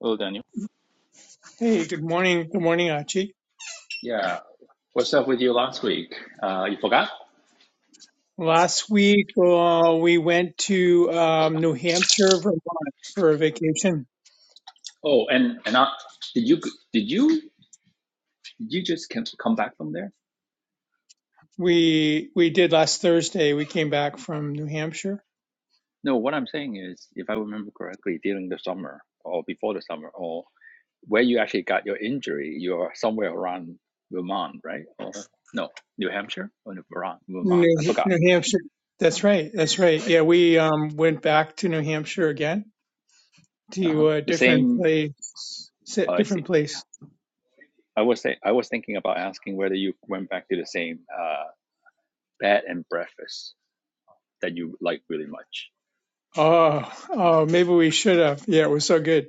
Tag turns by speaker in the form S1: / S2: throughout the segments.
S1: Hello, Daniel.
S2: Hey, good morning. Good morning, Archie.
S1: Yeah, what's up with you last week? Uh, you forgot?
S2: Last week, uh, we went to um, New Hampshire, Vermont for a vacation.
S1: Oh, and and I, did you did you did you just come come back from there?
S2: We we did last Thursday. We came back from New Hampshire.
S1: No, what I'm saying is, if I remember correctly, during the summer or before the summer or where you actually got your injury, you're somewhere around Vermont, right? Or no, New Hampshire or New Vermont? Vermont. I
S2: New,
S1: forgot.
S2: New Hampshire. That's right. That's right. Yeah,
S1: Right?
S2: we um, went back to New Hampshire again
S1: Uh huh.
S2: to a
S1: The
S2: different
S1: same.
S2: place.
S1: Oh,
S2: sit-
S1: I
S2: Different
S1: see.
S2: place.
S1: I was say, I was thinking about asking whether you went back to the same uh, bed and breakfast that you like really much.
S2: Oh, oh, maybe we should have. Yeah, it was so good.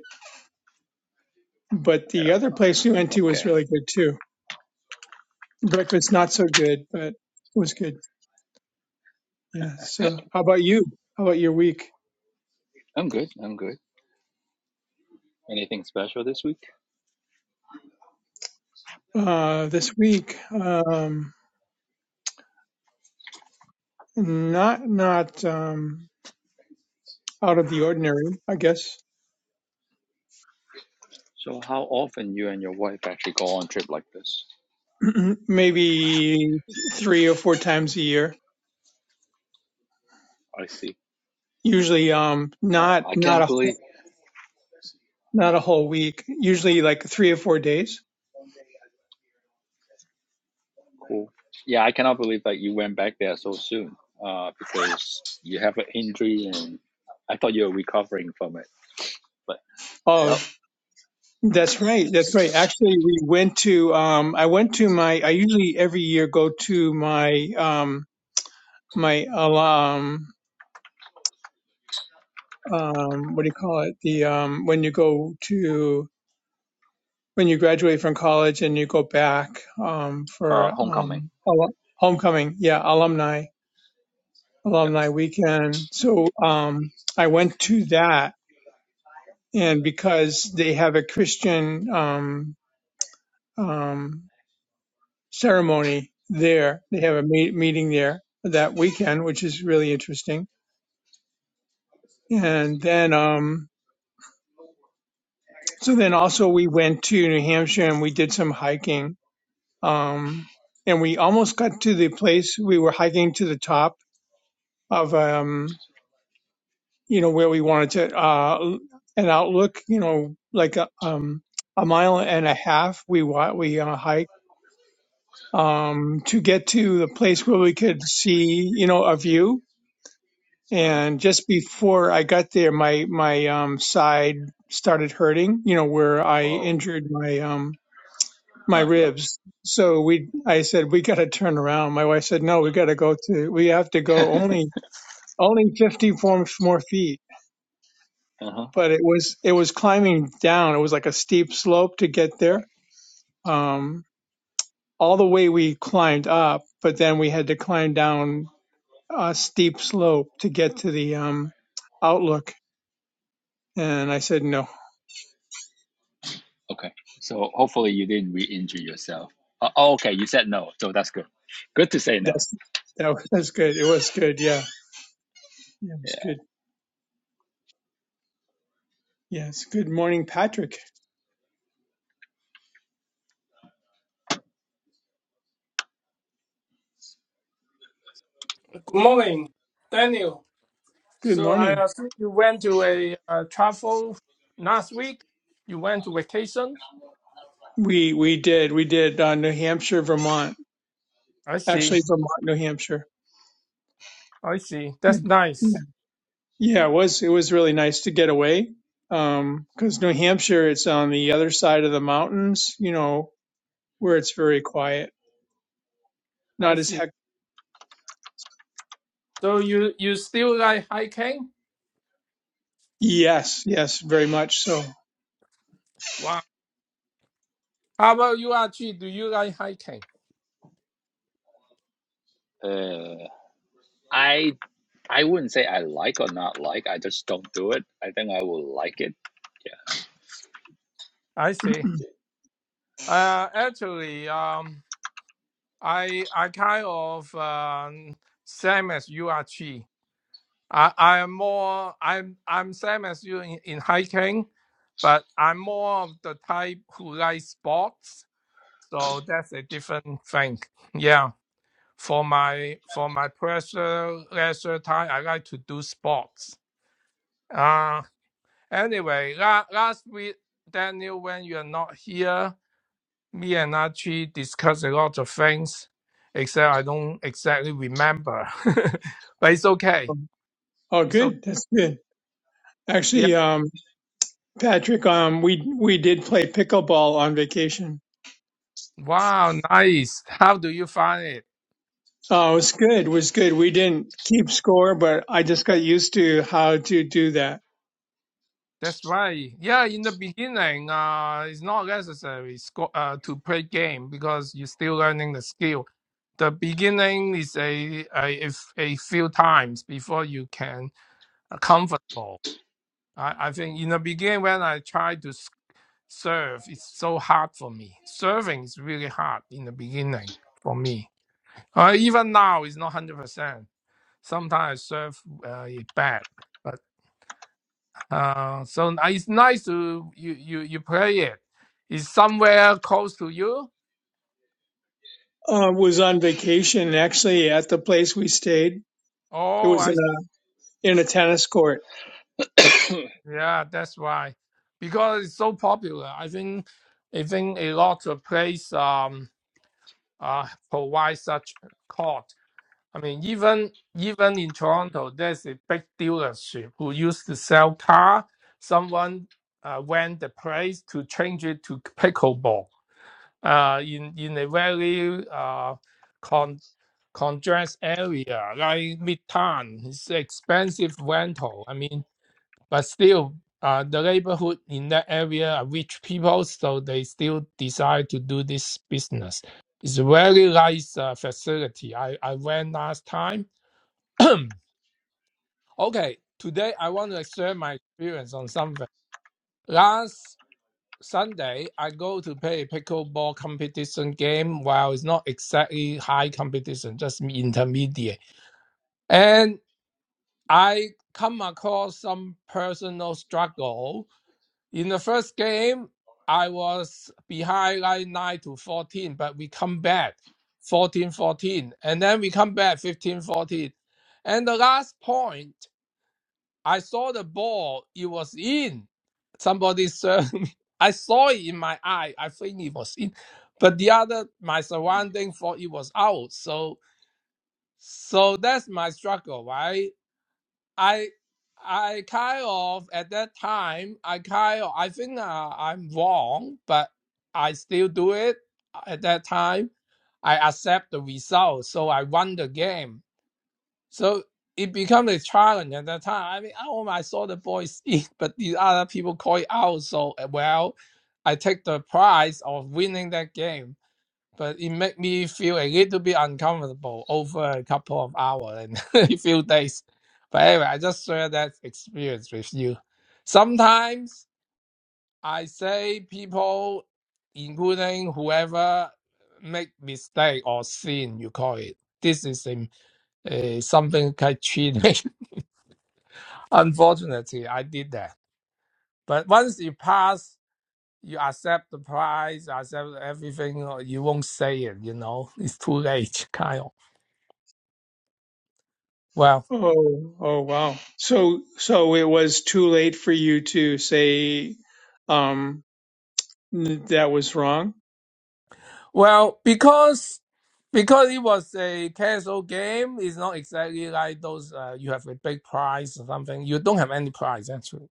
S2: But
S1: I
S2: the
S1: don't
S2: other
S1: know.
S2: place we went to was
S1: Okay.
S2: really good too. Breakfast not so good, but it was good. Yeah. So, how about you? How about your week?
S1: I'm good. I'm good. Anything special this week?
S2: Uh, this week, um, not not um, out of the ordinary, I guess.
S1: So how often you and your wife actually go on trip like this?
S2: Maybe three or four times a year.
S1: I see.
S2: Usually, um,
S1: Oh,
S2: not
S1: I
S2: not
S1: cannot
S2: a
S1: believe.
S2: not a whole week. Usually, like three or four days.
S1: Cool. Yeah, I cannot believe that you went back there so soon. Uh, because you have an injury and I thought you were recovering from it. But
S2: Oh,
S1: well,
S2: that's right. That's right. Actually, we went to. Um, I went to my. I usually every year go to my um, my alum um, what do you call it? The um, when you go to when you graduate from college and you go back um, for
S1: uh, homecoming.
S2: um, al- homecoming, yeah, alumni
S1: Yeah,
S2: alumni weekend. So um, I went to that, and because they have a Christian um, um, ceremony there, they have a me- meeting there that weekend, which is really interesting.
S1: I
S2: And
S1: see.
S2: then um, so then also we went to New Hampshire and we did some hiking um, and we almost got to the place we were hiking to the top of um, you know where we wanted to uh, an outlook you know like a, um, a mile and a half we wa- we uh, hiked um, to get to the place where we could see you know a view
S1: Uh huh.
S2: and just before I got there my my um, side started hurting you know where I
S1: Whoa.
S2: injured my um, my
S1: Uh, yep.
S2: ribs. So we, I said, we got to turn around. My wife said, no, we got to go to, we have to go only, only 50 more, feet.
S1: Uh huh.
S2: But it was, it was climbing down. It was like a steep slope to get there. Um, all the way we climbed up, but then we had to climb down a steep slope to get to the, um, outlook. And I said, no,
S1: Okay. So hopefully you didn't re-injure yourself. Uh, oh, okay. You said no, so that's good. Good to say no.
S2: that's, that was good. It was good. Yeah. yeah it was
S1: Yeah.
S2: good. Yes. Good morning, Patrick.
S3: Good morning, Daniel.
S2: Good
S3: So
S2: morning.
S3: I assume you went to a uh, travel last week. You went to vacation.
S2: We we did we did uh, New Hampshire, Vermont,
S3: I see.
S2: actually Vermont, New Hampshire.
S3: I see.
S2: Yeah,
S3: That's
S2: yeah,
S3: nice.
S2: Yeah, it was it was really nice to get away Um, 'cause because New Hampshire it's on the other side of the mountains, you know, where it's very quiet,
S3: I
S2: not as
S3: see.
S2: heck.
S3: So you you still like hiking?
S2: Yes, yes, very much so.
S3: Wow. How about you, Archie? Do you like hiking?
S1: Uh, I I wouldn't say I like or not like. I just don't do it. I think I will like it.
S3: I see. Uh, actually, um, I I kind of um, same as you, Archie. I I am more I'm I'm same as you in, in hiking, but I'm more of the type who likes sports. So that's a different thing. Yeah. For my for my pressure leisure time I like to do sports. Uh anyway, la- last week Daniel when you're not here, me and Archie discussed a lot of things, except I don't exactly remember. but it's okay.
S2: oh,
S3: It's okay.
S2: good, that's good.
S3: Yeah.
S2: Actually, um, Patrick, um, we we did play pickleball on vacation.
S3: Wow, nice. How do you find it?
S2: Oh, it was good. It was good. We didn't keep score, but I just got used to how to do that.
S3: That's right. Yeah, in the beginning, uh, it's not necessary sco- uh, to play game because you're still learning the skill. The beginning is a a, a f- a few times before you can uh, comfortable. I, I think in the beginning when I try to s- serve, it's so hard for me. Serving is really hard in the beginning for me. Uh, even now, it's not hundred percent. Sometimes I serve uh, it bad. Uh, so it's nice to you you you play it. It's somewhere close to you.
S2: uh, was on vacation actually at the place we stayed. It
S3: Oh,
S2: was
S3: I
S2: in a in a tennis court.
S1: Yeah.
S3: yeah, that's why, because it's so popular. I think I think a lot of place um uh provide such court. I mean, even even in Toronto, there's a big dealership who used to sell car. Someone uh, went the place to change it to pickleball. Uh, in in a very uh contrast area like Midtown. It's expensive rental. I mean, but still, uh, the neighborhood in that area are rich people, so they still decide to do this business. It's a very nice uh, facility. I, I went last time. okay, today I want to share my experience on something. Last Sunday, I go to play a pickleball competition game. Well, it's not exactly high competition, just intermediate. And I come across some personal struggle. In the first game, I was behind like 9 to 14, but we come back 14 14, And then we come back 15 14. And the last point, I saw the ball, it was in. Somebody served me. I saw it in my eye. I think it was in. But the other, my surrounding thought it was out. So so that's my struggle, right? I I kind of at that time I kind of I think uh, I'm wrong, but I still do it uh, at that time. I accept the result, so I won the game. So it becomes a challenge at that time. I mean, oh, I saw the boys eat, but the other people call it out. So uh, well, I take the prize of winning that game but it made me feel a little bit uncomfortable over a couple of hours and a few days. But anyway, I just share that experience with you. Sometimes I say people, including whoever, make mistake or sin, you call it. This is um, uh, something called cheating. Unfortunately, I did that. But once you pass, you accept the price, accept everything. or You won't say it. You know, it's too late, kind of. Well,
S2: Oh, oh wow. So so it was too late for you to say um that was wrong.
S3: Well, because because it was a casual game, it's not exactly like those uh, you have a big prize or something. You don't have any prize actually,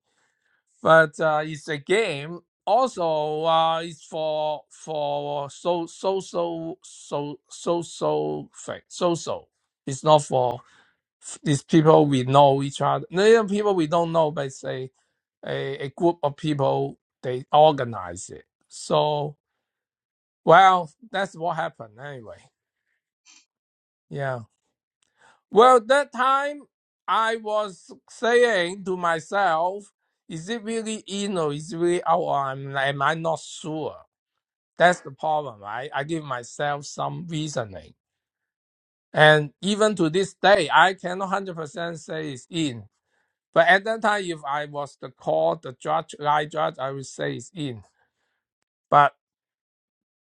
S3: but uh, it's a game. Also, uh, it's for for so social so social thing social. It's not for these people we know each other. No, even people we don't know, but it's a, a, a group of people they organize it. So well, that's what happened anyway. Yeah. Well, that time I was saying to myself, is it really in or is it really out? Or I'm, am I not sure? That's the problem, right? I give myself some reasoning. And even to this day, I cannot 100% say it's in. But at that time, if I was the court, the judge, I judge, I would say it's in. But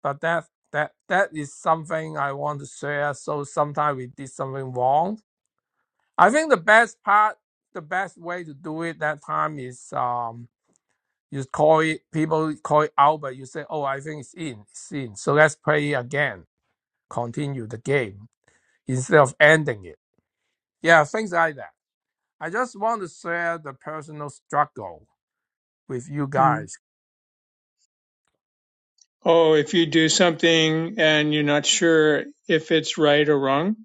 S3: but that that that is something I want to share. So sometimes we did something wrong I think the best part, the best way to do it that time is um, you call it, people call it out, but you say, oh, I think it's in, it's in. So let's play it again, continue the game instead of ending it. Yeah, things like that. I just want to share the personal struggle with you
S2: Hmm.
S3: guys
S2: Oh, if you do something and you're not sure if it's right or wrong.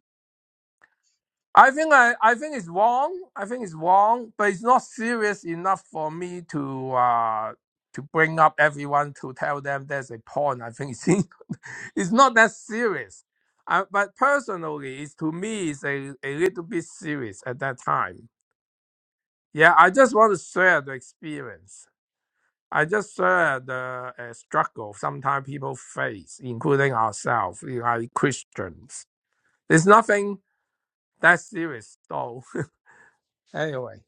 S3: I think I, I think it's wrong. I think it's wrong, but it's not serious enough for me to uh to bring up everyone to tell them there's a porn. I think it's it's not that serious. Uh, but personally, it's to me it's a, a little bit serious at that time. Yeah, I just want to share the experience. I just share the uh, struggle sometimes people face, including ourselves, like Christians. There's nothing that serious, though. anyway.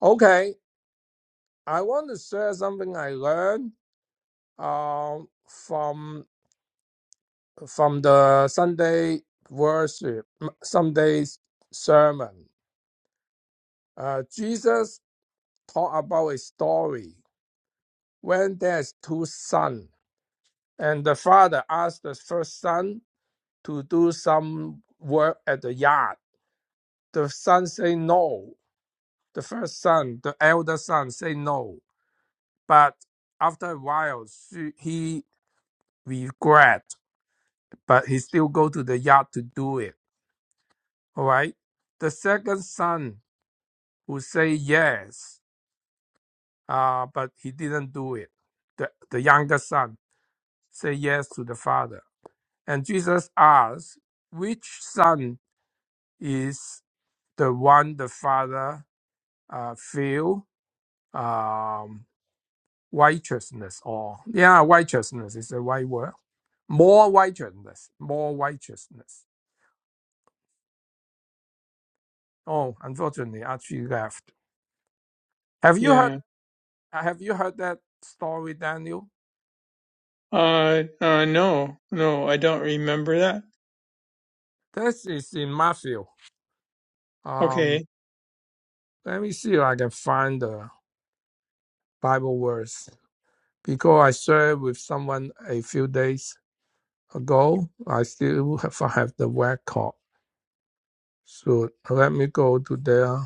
S3: Okay, I want to share something I learned um, from from the Sunday worship, m- Sunday's sermon. Uh, Jesus taught about a story when there's two sons, and the father asked the first son to do some work at the yard. The son say no. The first son, the elder son, say no. But after a while, she, he regret. but he still go to the yard to do it. All right. The second son would say yes, uh, but he didn't do it. The, the younger son say yes to the father. And Jesus asks, which son is the one the father uh, feel um, righteousness or yeah, righteousness is the right word. More righteousness, more righteousness. Oh, unfortunately, Archie left. Have you heard?
S2: Yeah.
S3: Uh, Have you heard that story, Daniel?
S2: Uh, uh, no, no, I don't remember that.
S3: This is in Matthew. Um,
S2: Okay.
S3: let me see if I can find the Bible verse because I shared with someone a few days ago. I still have, have the record. So let me go to there.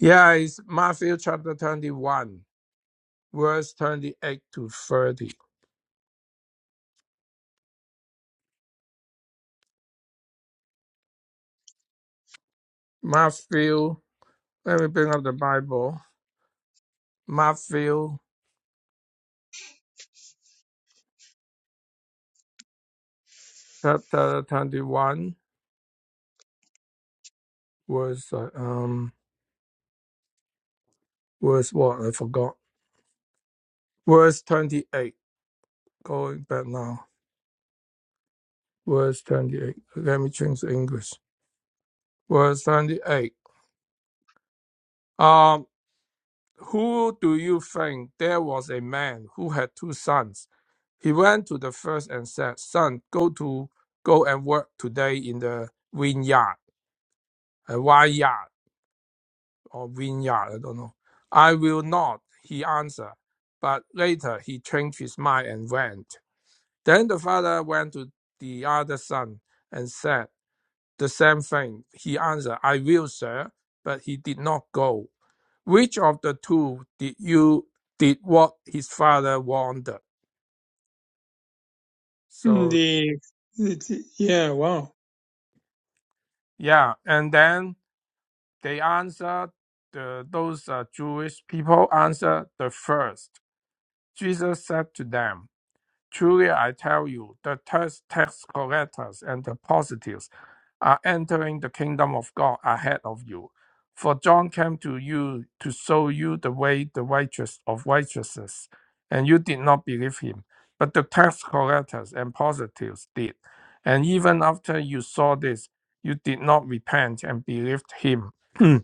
S3: Yeah, it's Matthew chapter 21, verse 28 to 30. Matthew, let me bring up the Bible. Matthew chapter 21, verse, uh, um, verse what? I forgot. Verse 28. Going back now. Verse 28. Let me change the English. Verse 28. Um, who do you think there was a man who had two sons? He went to the first and said, Son, go to go and work today in the vineyard, a vineyard. or vineyard, I don't know. I will not, he answered. But later he changed his mind and went. Then the father went to the other son and said the same thing. He answered, I will, sir, but he did not go. Which of the two did you did what his father wanted?
S2: Mm,
S3: So
S2: The, it's, yeah, wow.
S3: yeah, and then they answered the, those uh, Jewish people answered the first. Jesus said to them. Truly, I tell you, the tax tax collectors and the prostitutes are entering the kingdom of God ahead of you. For John came to you to show you the way, the righteous of righteousness, and you did not believe him. But the tax collectors and prostitutes did. And even after you saw this, you did not repent and believed him.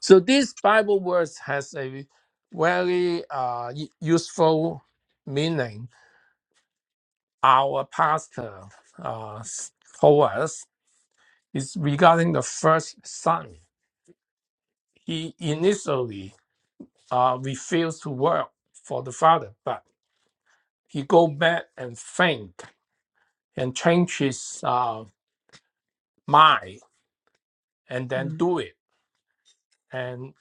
S3: so this Bible words has a very uh, useful meaning our pastor uh, told us is regarding the first son. He initially uh, refused to work for the father, but he go back and think and change his uh, mind and then
S2: Mm,
S3: do it. And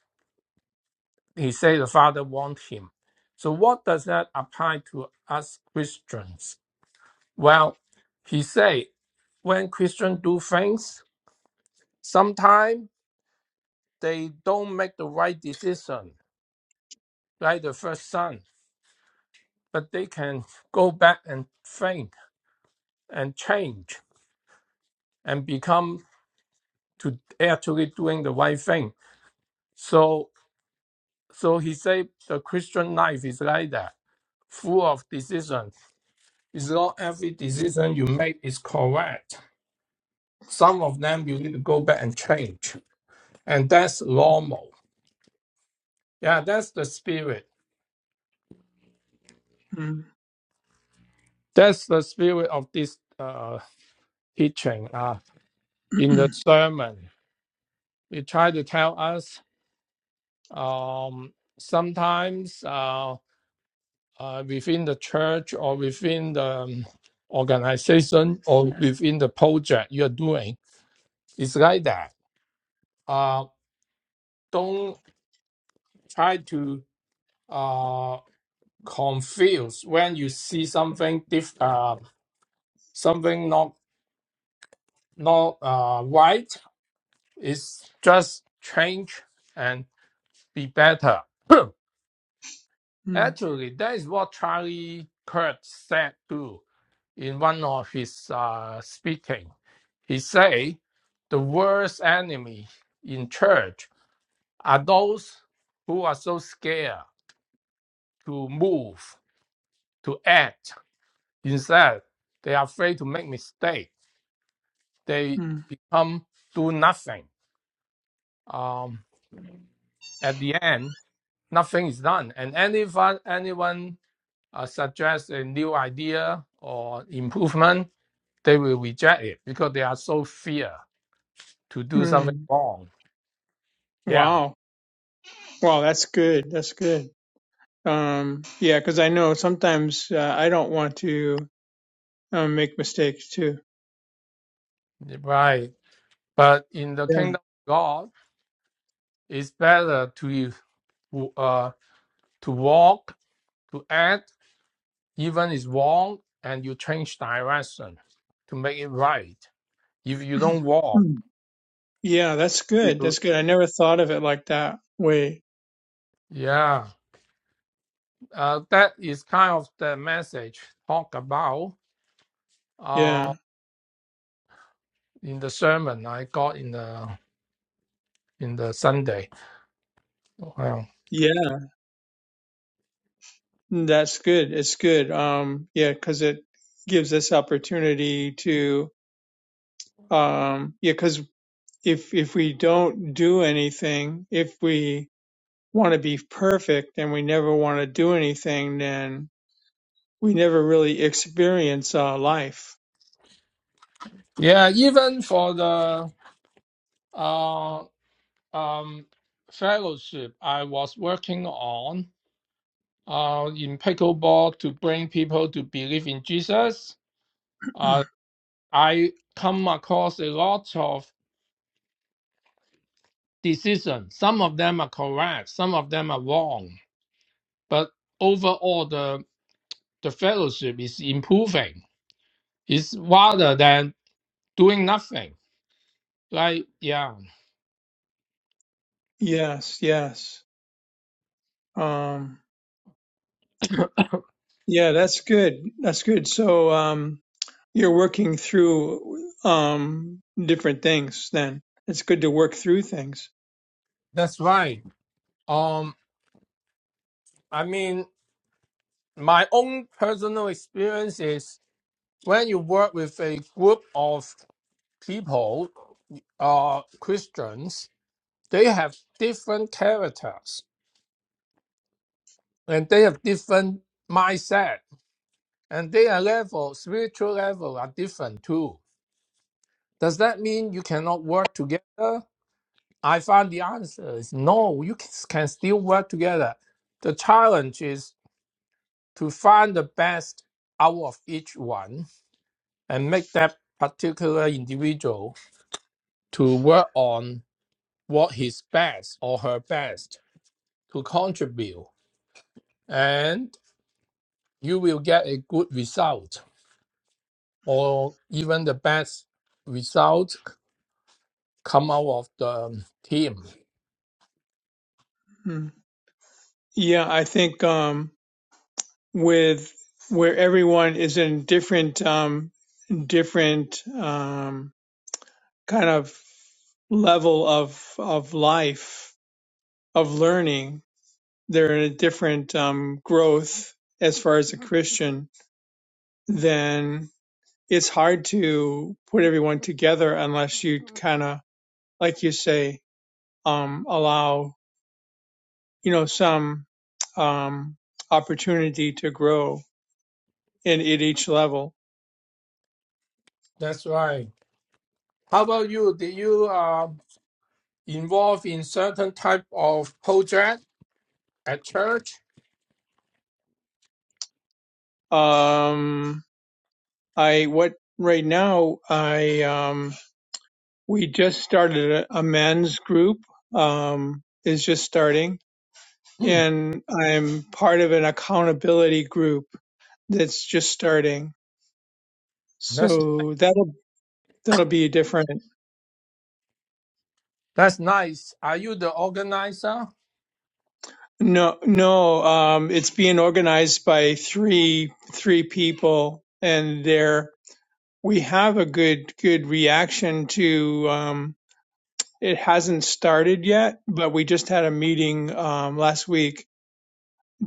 S3: he said the father want him. So what does that apply to us Christians? Well, he say when Christians do things, sometimes they don't make the right decision like the first son, but they can go back and train and change and become to actually doing the right thing. So so he said the Christian life is like that, full of decisions. It's not every decision you make is correct. Some of them you need to go back and change. And that's normal. Yeah, that's the spirit.
S2: mm,
S3: That's the spirit of this uh, teaching uh, in the sermon. It tried to tell us Um, sometimes uh, uh, within the church or within the um, organization or within the project you're doing, it's like that. Uh, don't try to uh, confuse when you see something diff- uh, something not not uh, right. It's just change and be better.
S2: mm,
S3: Actually, that is what Charlie Kirk said too in one of his uh, speaking. He said, the worst enemy in church are those who are so scared to move, to act. Instead, they are afraid to make mistake. They
S2: mm,
S3: become do nothing. Um, at the end, nothing is done. And anyone, anyone uh, suggests a new idea or improvement, they will reject it because they are so fear to do something
S2: mm.
S3: wrong. Yeah,
S2: Wow. Wow, that's good. That's good. Um, yeah, because I know sometimes uh, I don't want to um, make mistakes too.
S3: right. But in the
S2: Yeah.
S3: kingdom of God, it's better to uh, to walk, to act, even is wrong, and you change direction to make it right. If you don't walk,
S2: Yeah, that's good.
S3: you-
S2: That's good. I never thought of it like that way.
S3: yeah, uh, that is kind of the message talk about uh,
S2: Yeah.
S3: in the sermon I got in the in the Sunday. Wow.
S2: Yeah. That's good. It's good. Um, yeah, because it gives us opportunity to, um, yeah, because if if we don't do anything, if we want to be perfect and we never want to do anything, then we never really experience uh, life.
S3: Yeah, even for the uh, um, fellowship I was working on uh, in pickleball to bring people to believe in Jesus, uh, I come across a lot of decisions. Some of them are correct, some of them are wrong. But overall, the, the fellowship is improving. It's rather than doing nothing. Like, yeah,
S2: Yes, yes. Um, yeah, that's good. That's good. So, um, you're working through um different things. Then it's good to work through things.
S3: that's right. Um, I mean, my own personal experience is when you work with a group of people, uh, Christians, they have different characters and they have different mindset and their level, spiritual level are different too. Does that mean you cannot work together? I find the answer is no, you can can still work together. The challenge is to find the best out of each one and make that particular individual to work on what is best or her best to contribute, and you will get a good result or even the best result come out of the team.
S2: Mm-hmm. Yeah, I think um, with where everyone is in different um, different um, kind of level of of life of learning, they're in a different um, growth as far as a Christian. Then it's hard to put everyone together unless you kind of, like you say, um, allow you know some um, opportunity to grow in at each level
S3: That's right. How about you? Did you uh, involve in certain type of project at church?
S2: Um, I what right now I um we just started a, a men's group um is just starting
S3: Hmm,
S2: and I'm part of an accountability group that's just starting.
S3: that's
S2: So that'll that'll be different.
S3: that's nice. Are you the organizer?
S2: No no um it's being organized by three three people and they're we have a good good reaction to um. It hasn't started yet, but we just had a meeting um, last week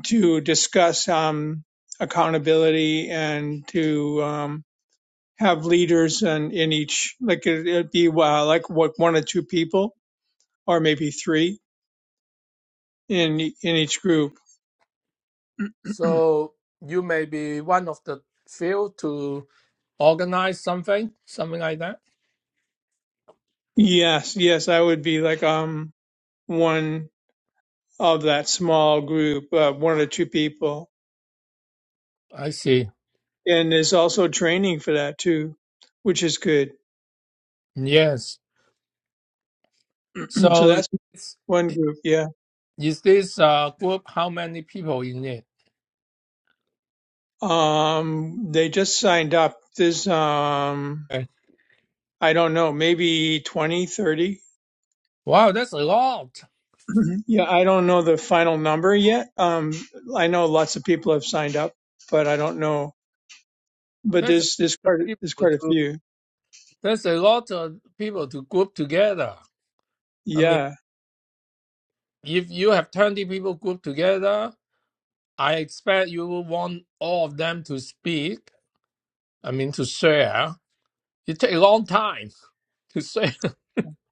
S2: to discuss um, accountability and to um, have leaders and in each like it, it'd be uh, like what one or two people or maybe three in in each group.
S3: So you may be one of the few to organize something, something like that.
S2: Yes, yes, I would be like um one of that small group, uh, one or two people,
S3: I see.
S2: and there's also training for that too, which is good.
S3: Yes.
S2: so
S3: So
S2: that's
S3: it's,
S2: one group. Yeah.
S3: is this uh, group how many people in it?
S2: Um, they just signed up. There's, um,
S3: Okay.
S2: I don't know, maybe 20, 30.
S3: Wow, that's a lot.
S2: Yeah, I don't know the final number yet. Um, I know lots of people have signed up, but I don't know. But
S3: That's
S2: there's there's
S3: a lot of
S2: quite a- there's
S3: people
S2: quite a
S3: to
S2: few.
S3: that's a lot of people to group together. I mean,
S2: Yeah,
S3: if you have twenty people grouped together, I expect you will want all of them to speak. I mean, to share. It takes a long time to share.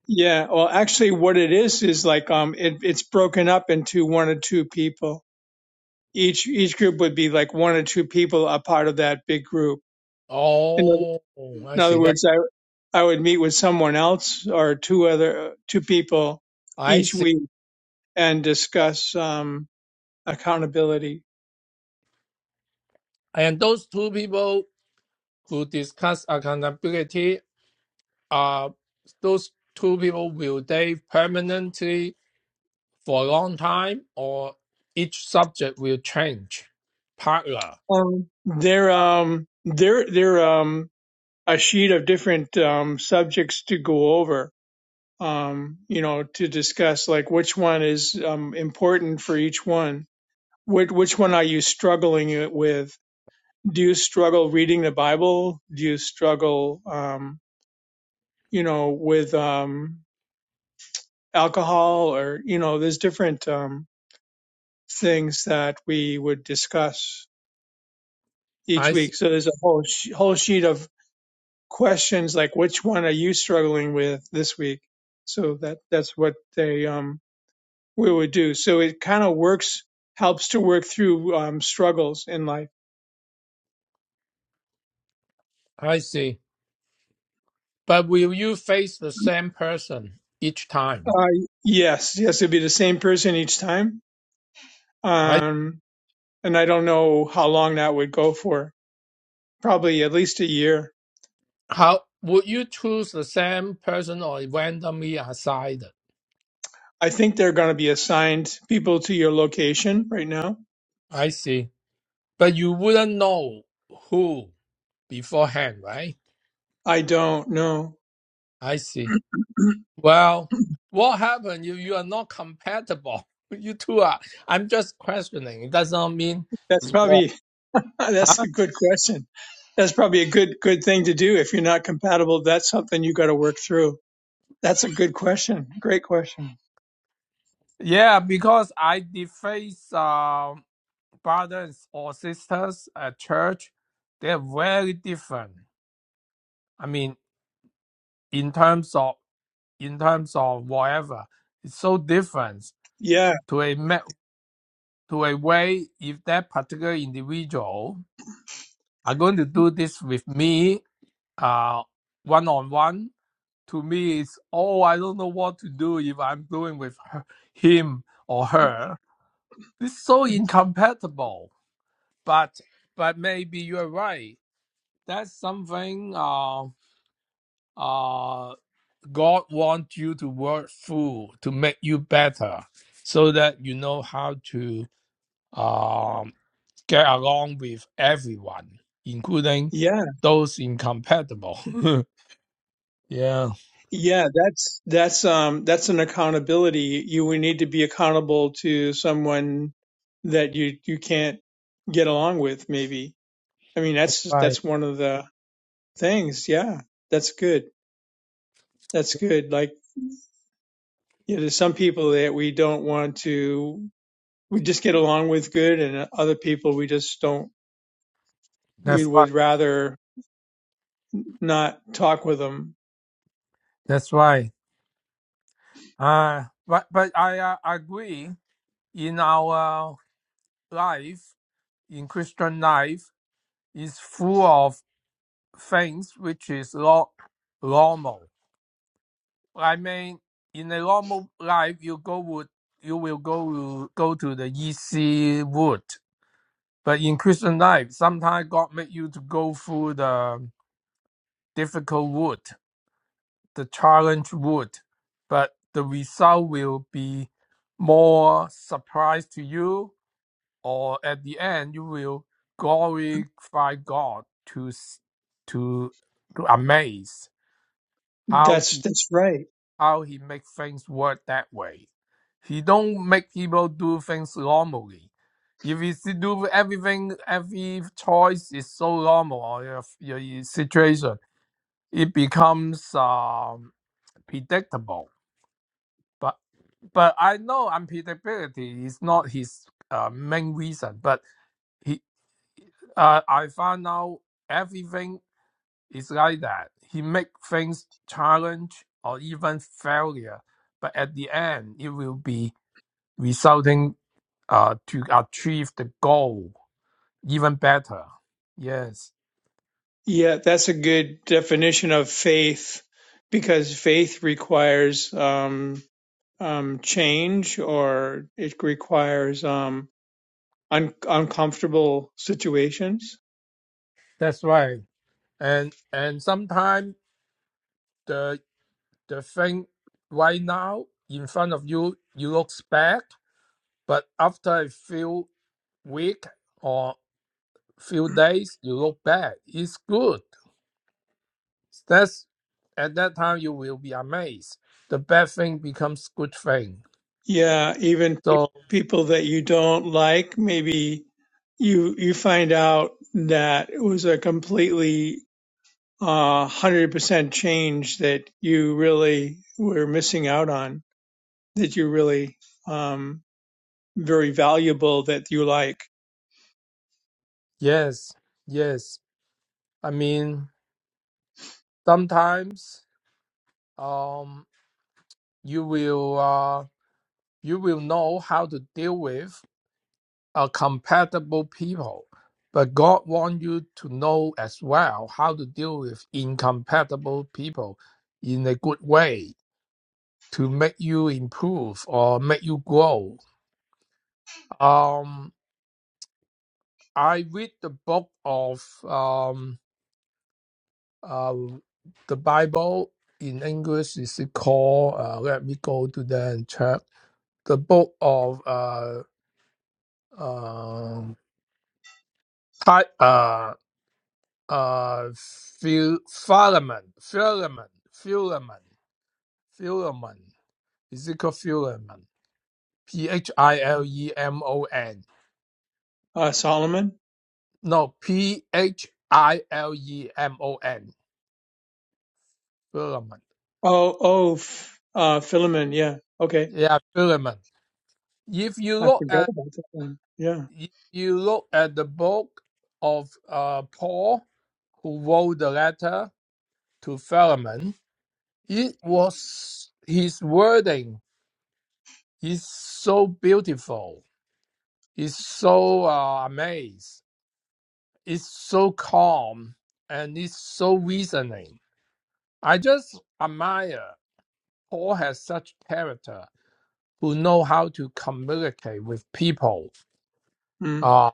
S2: yeah. Well, actually, what it is is like um, it, it's broken up into one or two people. Each each group would be like one or two people a part of that big group.
S3: Oh, I
S2: In other
S3: see that.
S2: words, I I would meet with someone else or two other two people
S3: I
S2: each
S3: see.
S2: week and discuss um, accountability.
S3: And those two people who discuss accountability are those two people, will they permanently for a long time or each subject will change partner?
S2: Um, there um there there um a sheet of different um, subjects to go over. Um, you know, to discuss like which one is um, important for each one. Which which one are you struggling it with? Do you struggle reading the Bible? Do you struggle um, you know with um, alcohol or you know there's different um, things that we would discuss each
S3: I
S2: week
S3: see.
S2: so there's a whole sh- whole sheet of questions like which one are you struggling with this week so that that's what they um we would do so it kind of works helps to work through um, struggles in life
S3: I see. But will you face the same person each time?
S2: uh, yes yes it'd be the same person each time
S3: I
S2: um and i don't know how long that would go for probably at least a year
S3: how would you choose the same person or randomly assigned?
S2: I think they're going to be assigned people to your location right now.
S3: I see. But you wouldn't know who. beforehand, right?
S2: I don't know.
S3: I see. Well, what happened if you are not compatible? You two are. I'm just questioning. It does not mean
S2: That's
S3: it's war.
S2: probably that's
S3: Huh?
S2: a good question. That's probably a good good thing to do if you're not compatible. That's something you got to work through. That's a good question. Great question.
S3: Yeah, because I deface uh, brothers or sisters at church. They're very different. I mean, in terms of in terms of whatever, it's so different
S2: Yeah,
S3: to a ma- to a way if that particular individual are going to do this with me uh, one on one to me it's oh I don't know what to do if I'm doing with her, him or her. It's so incompatible. But but maybe you're right. That's something uh uh God wants you to work through to make you better so that you know how to um get along with everyone, including
S2: yeah,
S3: those incompatible. yeah.
S2: yeah. That's that's um that's an accountability. You would need to be accountable to someone that you you can't get along with. Maybe. I mean, that's
S3: Right.
S2: that's one of the things. Yeah, that's good. That's good. Like, you know, there's some people that we don't want to, we just get along with good, and other people we just don't, we
S3: That's right.
S2: would rather not talk with them.
S3: That's right. Uh, but but I uh, agree. In our life, in Christian life, is full of things which is lo- normal. I mean, in a normal life, you go would you will go to- go to the easy wood. But in Christian life, sometimes God make you to go through the difficult wood. the challenge would, but the result will be more surprise to you, or at the end you will glorify God to s- to to amaze how
S2: That's,
S3: he
S2: that's right.
S3: how he make things work that way. He don't make people do things normally. If you see- do everything, every choice is so normal or your, your situation, it becomes um, predictable. But but I know unpredictability is not his uh, main reason. But he, uh, I found out everything is like that. He make things challenge or even failure, but at the end, it will be resulting uh, to achieve the goal even better. Yes,
S2: Yeah, that's a good definition of faith because faith requires, um, um, change or it requires, um, un- uncomfortable situations.
S3: that's right. And and sometimes the the thing right now in front of you, you looks bad, but after a few week or few days, you look back, it's good. That's at that time you will be amazed. The bad thing becomes good thing.
S2: Yeah, even
S3: So
S2: people that you don't like, maybe you you find out that it was a completely uh, 100% change that you really were missing out on, that you really um, very valuable that you like.
S3: yes, yes. I mean sometimes um you will uh you will know how to deal with a compatible people. But God wants you to know as well how to deal with incompatible people in a good way to make you improve or make you grow. Um, I read the book of um, uh, the Bible in English. Is it called? Uh, let me go to that and check. The book of uh, um, Ti- uh, uh, Phil- Philemon, Philemon, Philemon, Philemon. Is it called Philemon? P H I L E M O N
S2: Uh, Solomon?
S3: No, P H I L E M O N. Philemon.
S2: Oh, oh, F- uh, Philemon, yeah. Okay.
S3: Yeah, Philemon. If you
S2: I
S3: look
S2: forgot
S3: at
S2: about that one. Yeah.
S3: if you look at the book of uh, Paul, who wrote the letter to Philemon, it was his wording is so beautiful. It's so uh, amazed. It's so calm and it's so reasoning. I just admire Paul has such character who know how to communicate with people.
S2: Mm,
S3: Uh,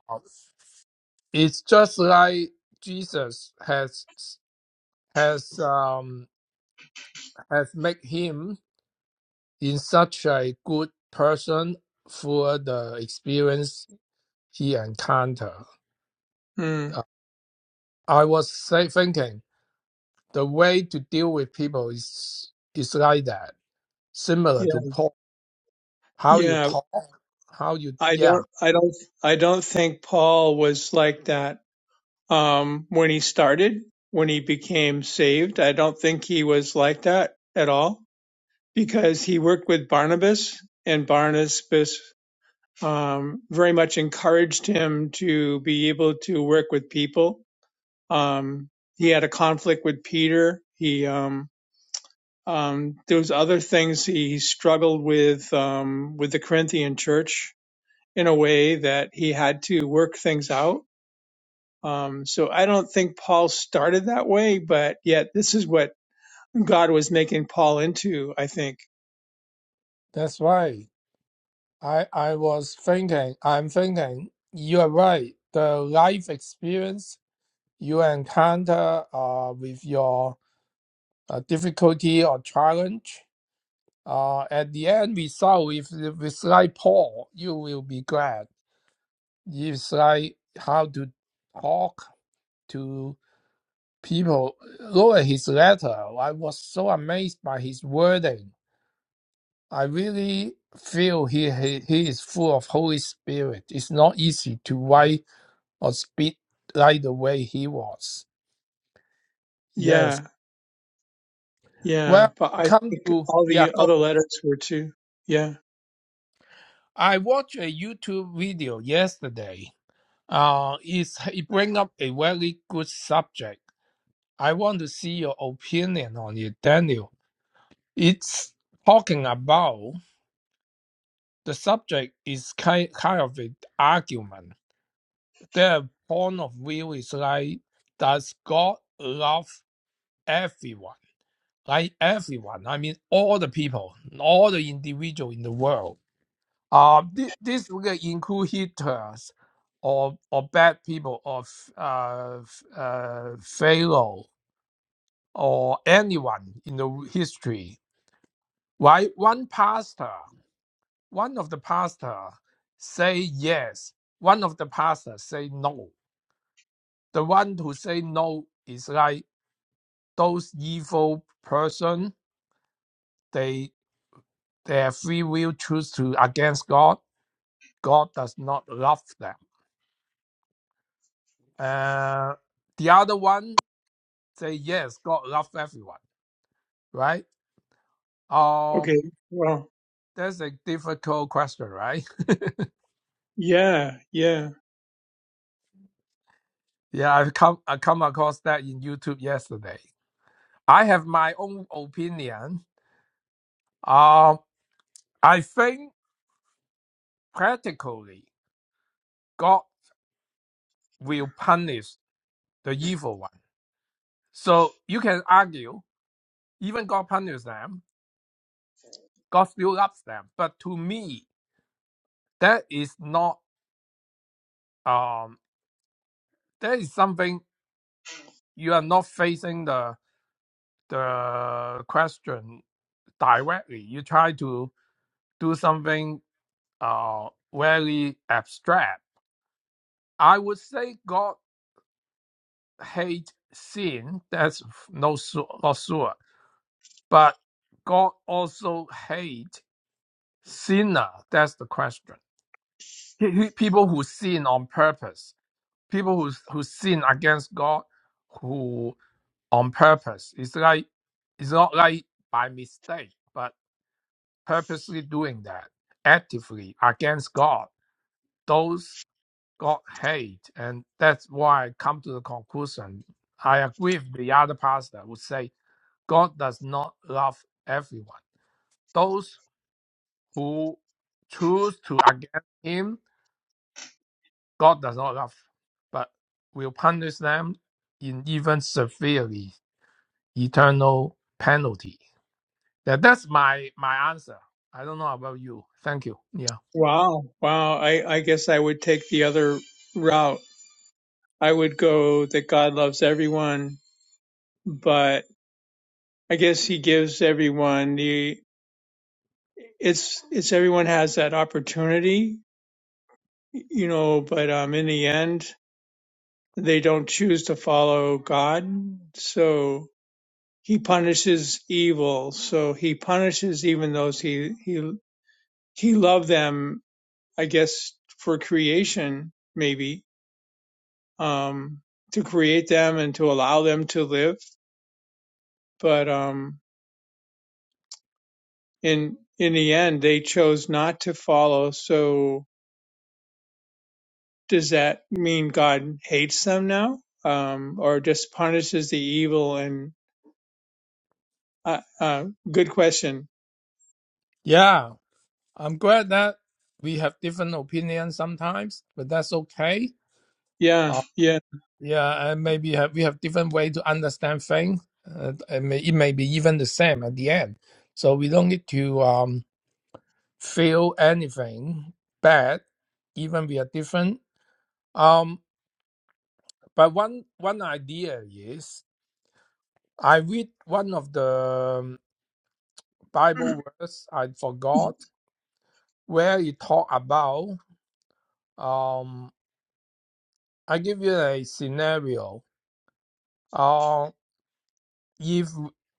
S3: it's just like Jesus has has um, has made him in such a good person for the experience he encountered.
S2: mm,
S3: Uh, I was say, thinking the way to deal with people is is like that, similar
S2: yeah.
S3: to Paul. How you
S2: Yeah.
S3: talk, how you
S2: I
S3: yeah.
S2: don't, I don't, I don't think Paul was like that um, when he started, when he became saved. I don't think he was like that at all because he worked with Barnabas, and Barnabas um, very much encouraged him to be able to work with people. Um, he had a conflict with Peter. He um, um, there was other things he struggled with um, with the Corinthian church in a way that he had to work things out Um, so I don't think Paul started that way, but yet this is what God was making Paul into, I think.
S3: That's right. I I was thinking, I'm thinking, you are right. The life experience you encounter uh, with your uh, difficulty or challenge, uh, at the end result, if if it's like Paul, you will be glad. It's like how to talk to people. Look at his letter. I was so amazed by his wording. I really feel he, he, he is full of Holy Spirit. It's not easy to write or speak like the way he was. Yes.
S2: Yeah, yeah.
S3: Well,
S2: But I
S3: come
S2: think
S3: to
S2: all
S3: yeah.
S2: the
S3: Go.
S2: other letters were too. Yeah.
S3: I watched a YouTube video yesterday. Uh, it's, it bring up a very good subject. I want to see your opinion on it, Daniel. It's talking about the subject is kind, kind of an argument. Their point of view is like, does God love everyone? like everyone, I mean all the people, all the individual in the world. Uh, this, this will include hitters or or bad people or f- uh, f- uh, Pharaoh or anyone in the history. Why one pastor, one of the pastor say yes, one of the pastor say no. The one who say no is like those evil person. They they have free will choose to against God God does not love them. Uh, the other one say yes, God loves everyone, right? Um,
S2: Okay. Well,
S3: that's a difficult question, right?
S2: yeah, yeah.
S3: yeah, I've come I come across that in YouTube yesterday. I have my own opinion. Um, I think practically God will punish the evil one. So you can argue, even God punishes them, God still loves them. But to me, that is not um that is something you are not facing the the question directly. You try to do something uh very abstract. I would say God hates sin. That's no su- not sure, but God also hates sinner. That's the question. He- he- People who sin on purpose, people who who sin against God, who on purpose. It's like it's not like by mistake, but purposely doing that actively against God, those God hate. And that's why I come to the conclusion. I agree with the other pastor who say God does not love everyone. Those who choose to against him, God does not love, but will punish them in even severely eternal penalty. That, that's my my answer. I don't know about you. Thank you. Yeah.
S2: Wow, wow. I, I guess I would take the other route. I would go that God loves everyone, but I guess he gives everyone the, it's, it's everyone has that opportunity, you know, but, um, in the end, they don't choose to follow God. So he punishes evil. So he punishes even those he, he, he loved them, I guess, for creation, maybe, um, to create them and to allow them to live. But, um, in, in the end, they chose not to follow. So does that mean God hates them now? Um, or just punishes the evil and, uh, uh, good question.
S3: Yeah. I'm glad that we have different opinions sometimes, but that's okay.
S2: Yeah.
S3: Uh,
S2: yeah.
S3: yeah, and maybe have, we have different way to understand things. Uh, it, may, it may be even the same at the end. So we don't need to um, feel anything bad, even we are different. Um, but one one idea is I read one of the um, Bible verse I forgot where it talk about. Um, I give you a scenario Uh, if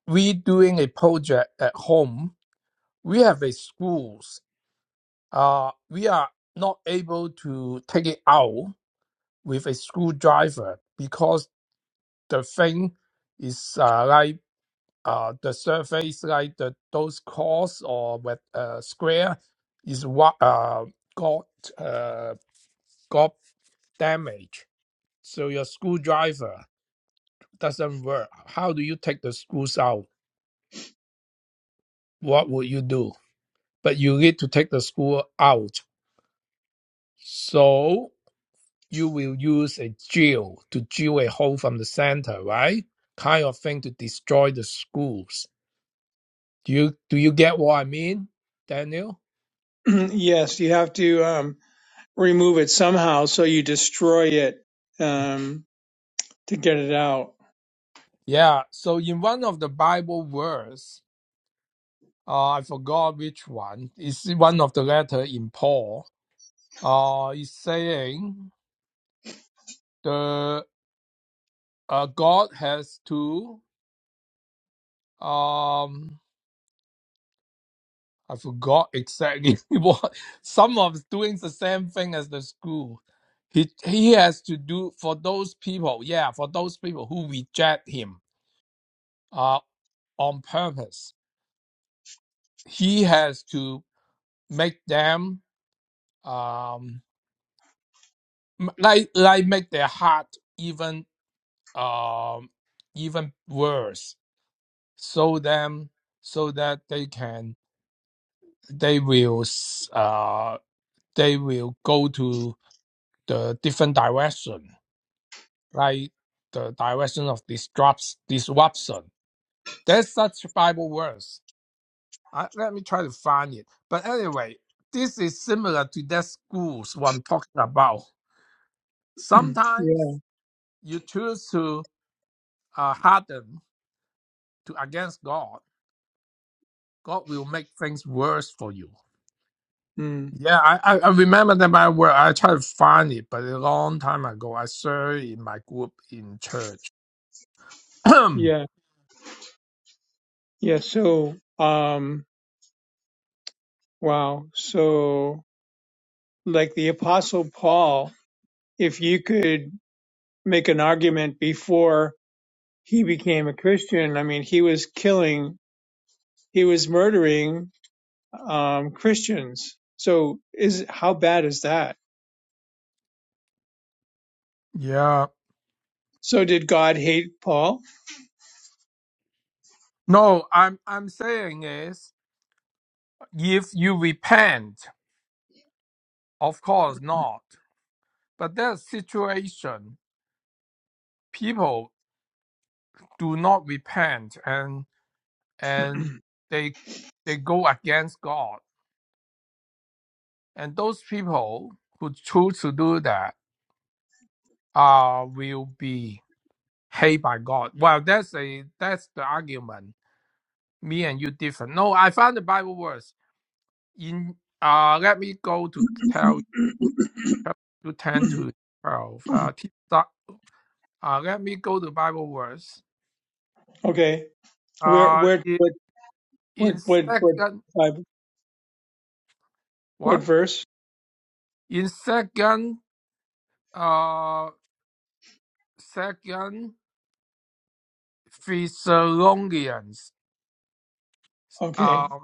S3: we doing a project at home, we have a schools. Uh, we are not able to take it out with a screwdriver because the thing is uh, like uh, the surface, like the those cores or with uh, square, is what uh, got uh, got damage. So your screwdriver doesn't work. How do you take the screws out? What would you do? but you need to take the screw out. So you will use a drill to drill a hole from the center, right? Kind of thing to destroy the screws. Do you do you get what I mean, Daniel?
S2: Yes, you have to um, remove it somehow, so you destroy it um, to get it out.
S3: Yeah. So in one of the Bible verse, uh, I forgot which one. It's one of the letter in Paul. Uh, it's saying the uh, God has to um I forgot exactly what. Some of doing the same thing as the school. He he has to do for those people. Yeah, for those people who reject him uh, on purpose. He has to make them um m- like like make their heart even um even worse. So them so that they can they will s- uh they will go to the different direction like the direction of this disruption. There's such Bible words. I, let me try to find it. But anyway, this is similar to that schools what I'm talking about.
S2: Yeah.
S3: Sometimes you choose to uh, harden to against God. God will make things worse for you.
S2: Mm.
S3: Yeah, I, I, I remember that my word. I tried to find it, but a long time ago, I served in my group in church.
S2: Yeah. Yeah. So, um, wow. So, like the Apostle Paul, if you could make an argument before he became a Christian, I mean, he was killing, he was murdering um, Christians. So, is how bad is that?
S3: yeah.
S2: So, did God hate Paul?
S3: No, I'm I'm saying is If you repent, of course not. But that situation, people do not repent and and they they go against God. And those people who choose to do that uh will be hated by God. Well that's a that's the argument. Me and you different. No, I found the Bible verse. In uh let me go to tell you chapter ten to twelve. Uh, t- uh let me go to Bible verse.
S2: okay. Where,
S3: Uh,
S2: where,
S3: i-
S2: what, what,
S3: in
S2: what, what,
S3: second,
S2: uh, what
S3: what?
S2: verse?
S3: In second, uh, second Thessalonians,
S2: Okay.
S3: uh,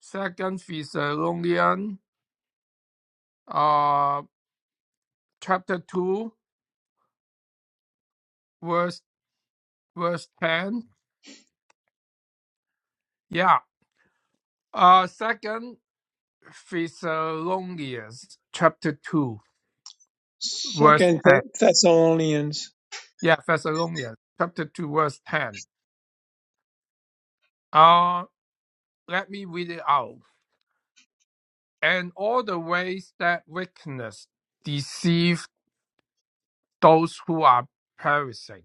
S3: second Thessalonians, uh, chapter two, verse verse ten. Yeah. Uh, second Thessalonians, chapter two, verse
S2: Second
S3: ten.
S2: Th- Thessalonians.
S3: Yeah, Thessalonians, chapter two, verse ten. Uh, let me read it out. and all the ways that wickedness deceive those who are perishing.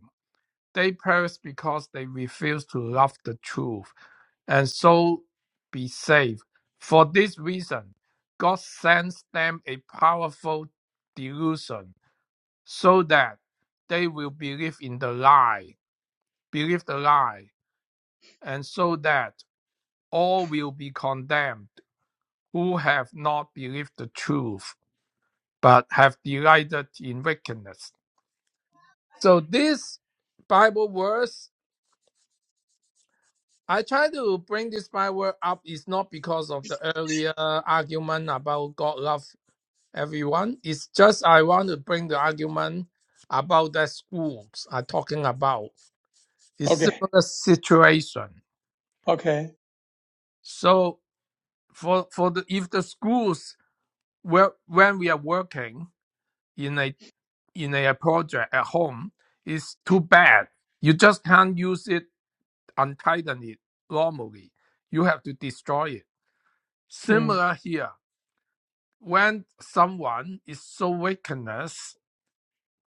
S3: They perish because they refuse to love the truth and so be saved. For this reason, God sends them a powerful delusion so that they will believe in the lie, believe the lie, and so that all will be condemned who have not believed the truth but have delighted in wickedness. So this Bible verse, I try to bring this Bible up is not because of the earlier argument about God love everyone. It's just I want to bring the argument about the schools are talking about. It's
S2: Okay.
S3: similar situation.
S2: Okay.
S3: So for for the if the schools where when we are working in a in a project at home, it's too bad. You just can't use it untighten it normally, you have to destroy it.
S2: Hmm.
S3: Similar here, when someone is so wickedness,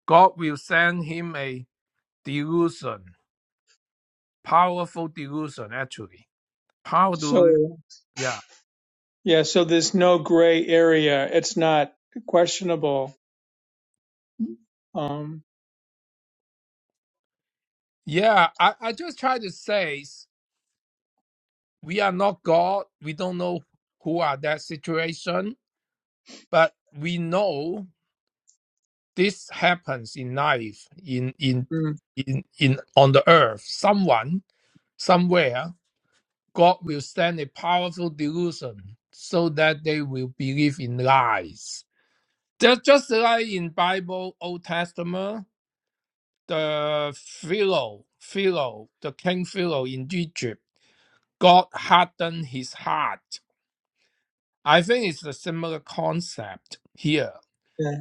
S3: God will send him a delusion, powerful delusion actually. How do
S2: So,
S3: yeah.
S2: yeah, so there's no gray area. It's not questionable. Um,
S3: Yeah, I, I just try to say we are not God. We don't know who are that situation, but we know this happens in life, in in
S2: hmm,
S3: in in on the earth. Someone somewhere God will send a powerful delusion so that they will believe in lies. Just, just like in Bible Old Testament, the Pharaoh, Pharaoh, the King Pharaoh in Egypt, God hardened his heart. I think it's a similar concept here.
S2: yeah.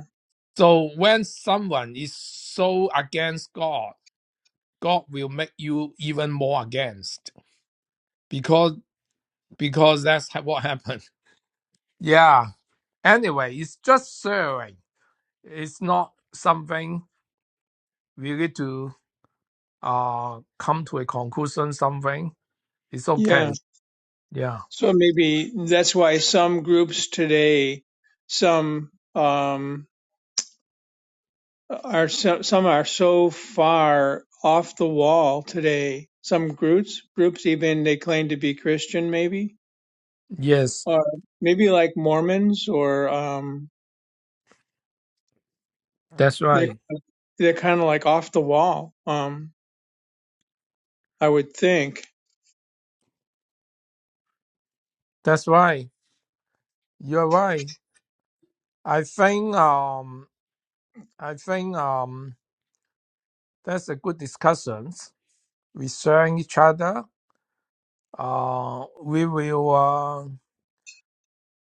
S3: So when someone is so against God, God will make you even more against because because that's ha- what happened. Yeah, Anyway, it's just sharing. It's not something really to uh come to a conclusion. Something it's
S2: Yeah.
S3: okay. Yeah.
S2: So maybe that's why some groups today, some, um, are so, some are so far off the wall today. Some groups, groups even they claim to be Christian, maybe
S3: Yes,
S2: or maybe like Mormons or um,
S3: that's
S2: they
S3: right.
S2: they're kind of like off the wall. Um, I would think.
S3: That's right. You're right. I think um I think um that's a good discussion. We sharing each other. Uh, we will uh,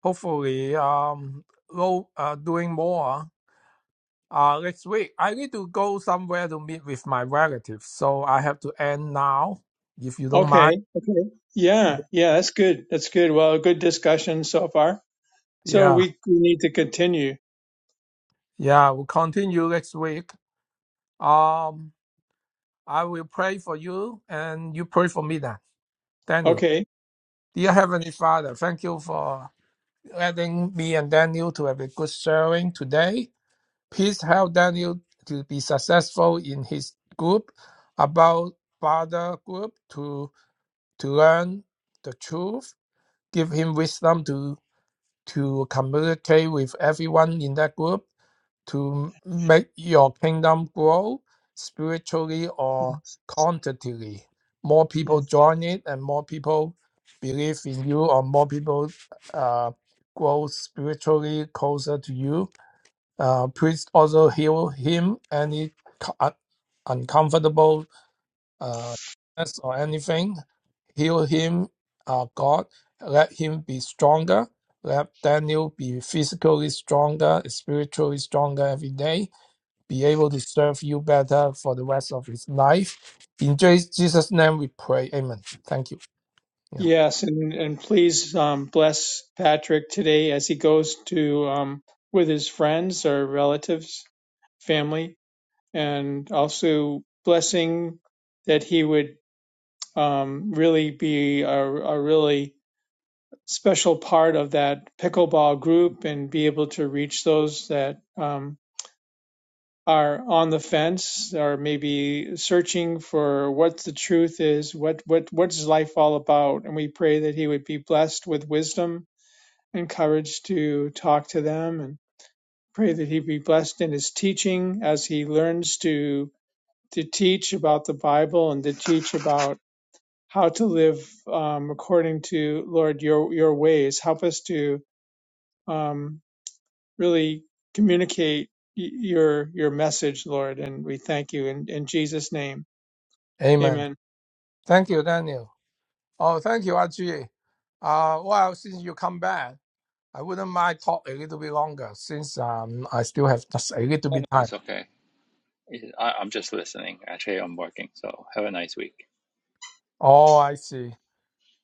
S3: hopefully um go, uh, doing more. Uh, next week, I need to go somewhere to meet with my relatives, so I have to end now, if you don't
S2: Okay.
S3: mind.
S2: Okay. Yeah.
S3: Yeah,
S2: Yeah. That's good. That's good. Well, good discussion so far. So
S3: yeah,
S2: we we need to continue.
S3: yeah, we'll continue next week. Um, I will pray for you and you pray for me then. Daniel,
S2: Okay.
S3: dear Heavenly Father, thank you for letting me and Daniel to have a good sharing today. Please help Daniel to be successful in his group about Father group to to learn the truth give him wisdom to to communicate with everyone in that group to make your kingdom grow spiritually or quantitatively. More people
S2: Yes.
S3: join it, and more people believe in you, or more people uh, grow spiritually closer to you. Uh, please also heal him any co- un- uncomfortable uh, sickness or anything Heal him, uh, God. Let him be stronger. Let Daniel be physically stronger, spiritually stronger every day. Be able to serve you better for the rest of his life. In Je- Jesus' name we pray. Amen. Thank you. Yeah.
S2: Yes. And and please um, bless Patrick today as he goes to um, with his friends or relatives, family, and also blessing. That he would um, really be a, a really special part of that pickleball group and be able to reach those that um, are on the fence or maybe searching for what the truth is, what what what's life all about. And we pray that he would be blessed with wisdom and courage to talk to them and pray that he be blessed in his teaching as he learns to to teach about the Bible and to teach about how to live um, according to Lord your your ways. Help us to um, really communicate your your message, Lord, and we thank you in, in Jesus' name.
S3: Amen.
S2: Amen.
S3: Thank you, Daniel. Oh, thank you, Ajay. Uh, well, since you come back, I wouldn't mind talk a little bit longer since um, I still have just a little
S1: oh, no,
S3: bit
S1: it's
S3: time.
S1: okay. It- I, I'm just listening. Actually, I'm working. So have a nice week.
S3: Oh, I see.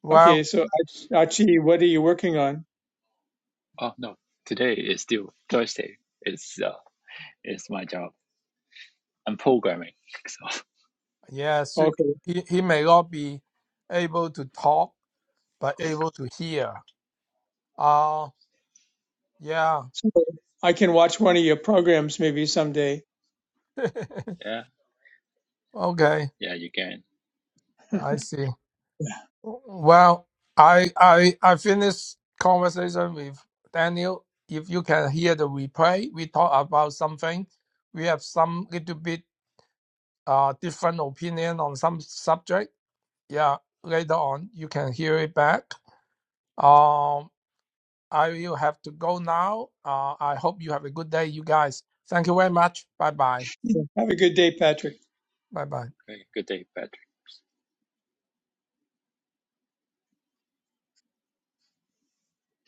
S3: Well,
S2: Okay, so Achi, what are you working on?
S1: Oh no, today is still Thursday. It's uh, it's my job. I'm programming. So
S3: Yes,
S2: Okay,
S3: he, he may not be able to talk, but able to hear. Oh, yeah.
S2: so I can watch one of your programs maybe someday.
S1: yeah,
S3: Okay,
S1: yeah, you can.
S3: I see. Well, I I I finished conversation with Daniel. If you can hear the replay, we talk about something. We have some little bit uh different opinion on some subject. Yeah, later on you can hear it back. Um. I will have to go now. Uh, I hope you have a good day, you guys. Thank you very much. Bye bye.
S2: Yeah. Have a good day,
S1: Okay.
S2: Patrick.
S3: Bye bye.
S1: Okay, good day, Patrick.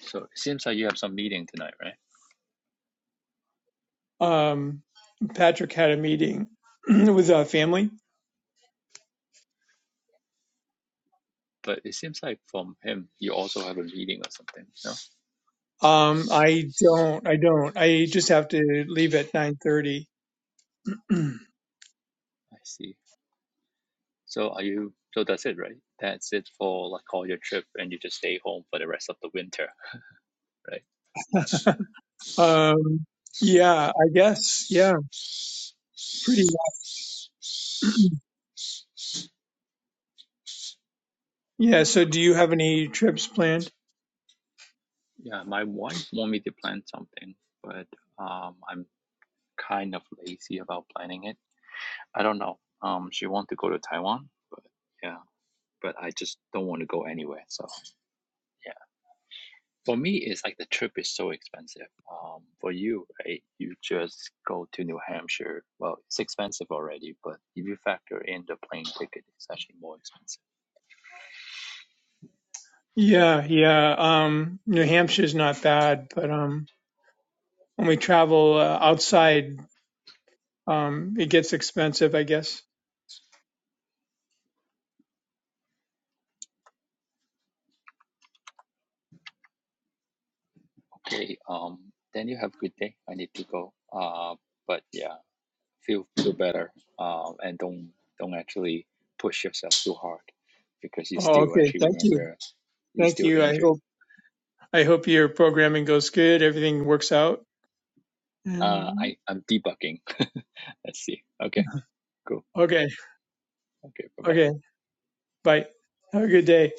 S1: So it seems like you have some meeting tonight, right?
S2: Um, Patrick had a meeting with a family.
S1: But it seems like from him, you also have a meeting or something. No,
S2: Um, I don't, I don't. I just have to leave at nine thirty.
S1: I see. So are you? So that's it, right? That's it for like all your trip, and you just stay home for the rest of the winter, right?
S2: Um, yeah, I guess. Yeah, pretty. Yeah. So, do you have any trips planned?
S1: Yeah, my wife want me to plan something, but um, I'm kind of lazy about planning it. I don't know. Um, she want to go to Taiwan, but yeah, but I just don't want to go anywhere. So yeah. For me, it's like the trip is so expensive. Um, for you, right? You just go to New Hampshire. Well, it's expensive already, but if you factor in the plane ticket, it's actually more expensive.
S2: Yeah, yeah. Um, New Hampshire's not bad, but um, when we travel uh, outside, um, it gets expensive, I guess.
S1: Okay. Um, then you have a good day. I need to go. Uh, but yeah, feel feel better. Um, and don't don't actually push yourself too hard because you
S2: Oh,
S1: still
S2: okay.
S1: actually
S2: Thank you.
S1: remember you're
S2: Thank
S1: still
S2: you. I
S1: injured.
S2: hope I hope your programming goes good. Everything works out.
S1: Uh,
S2: And
S1: I I'm debugging. Let's see. Okay, cool.
S2: okay,
S1: Okay, bye
S2: okay.
S1: bye.
S2: Bye. Have a good day.